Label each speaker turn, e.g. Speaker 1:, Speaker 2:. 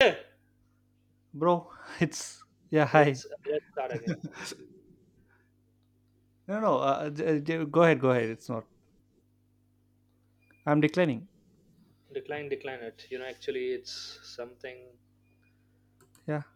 Speaker 1: Bro, it's... yeah, hi.
Speaker 2: let's let's start again.
Speaker 1: No, no, go ahead, go ahead, it's not, I'm declining.
Speaker 2: Decline it. Actually, it's something.
Speaker 1: Yeah.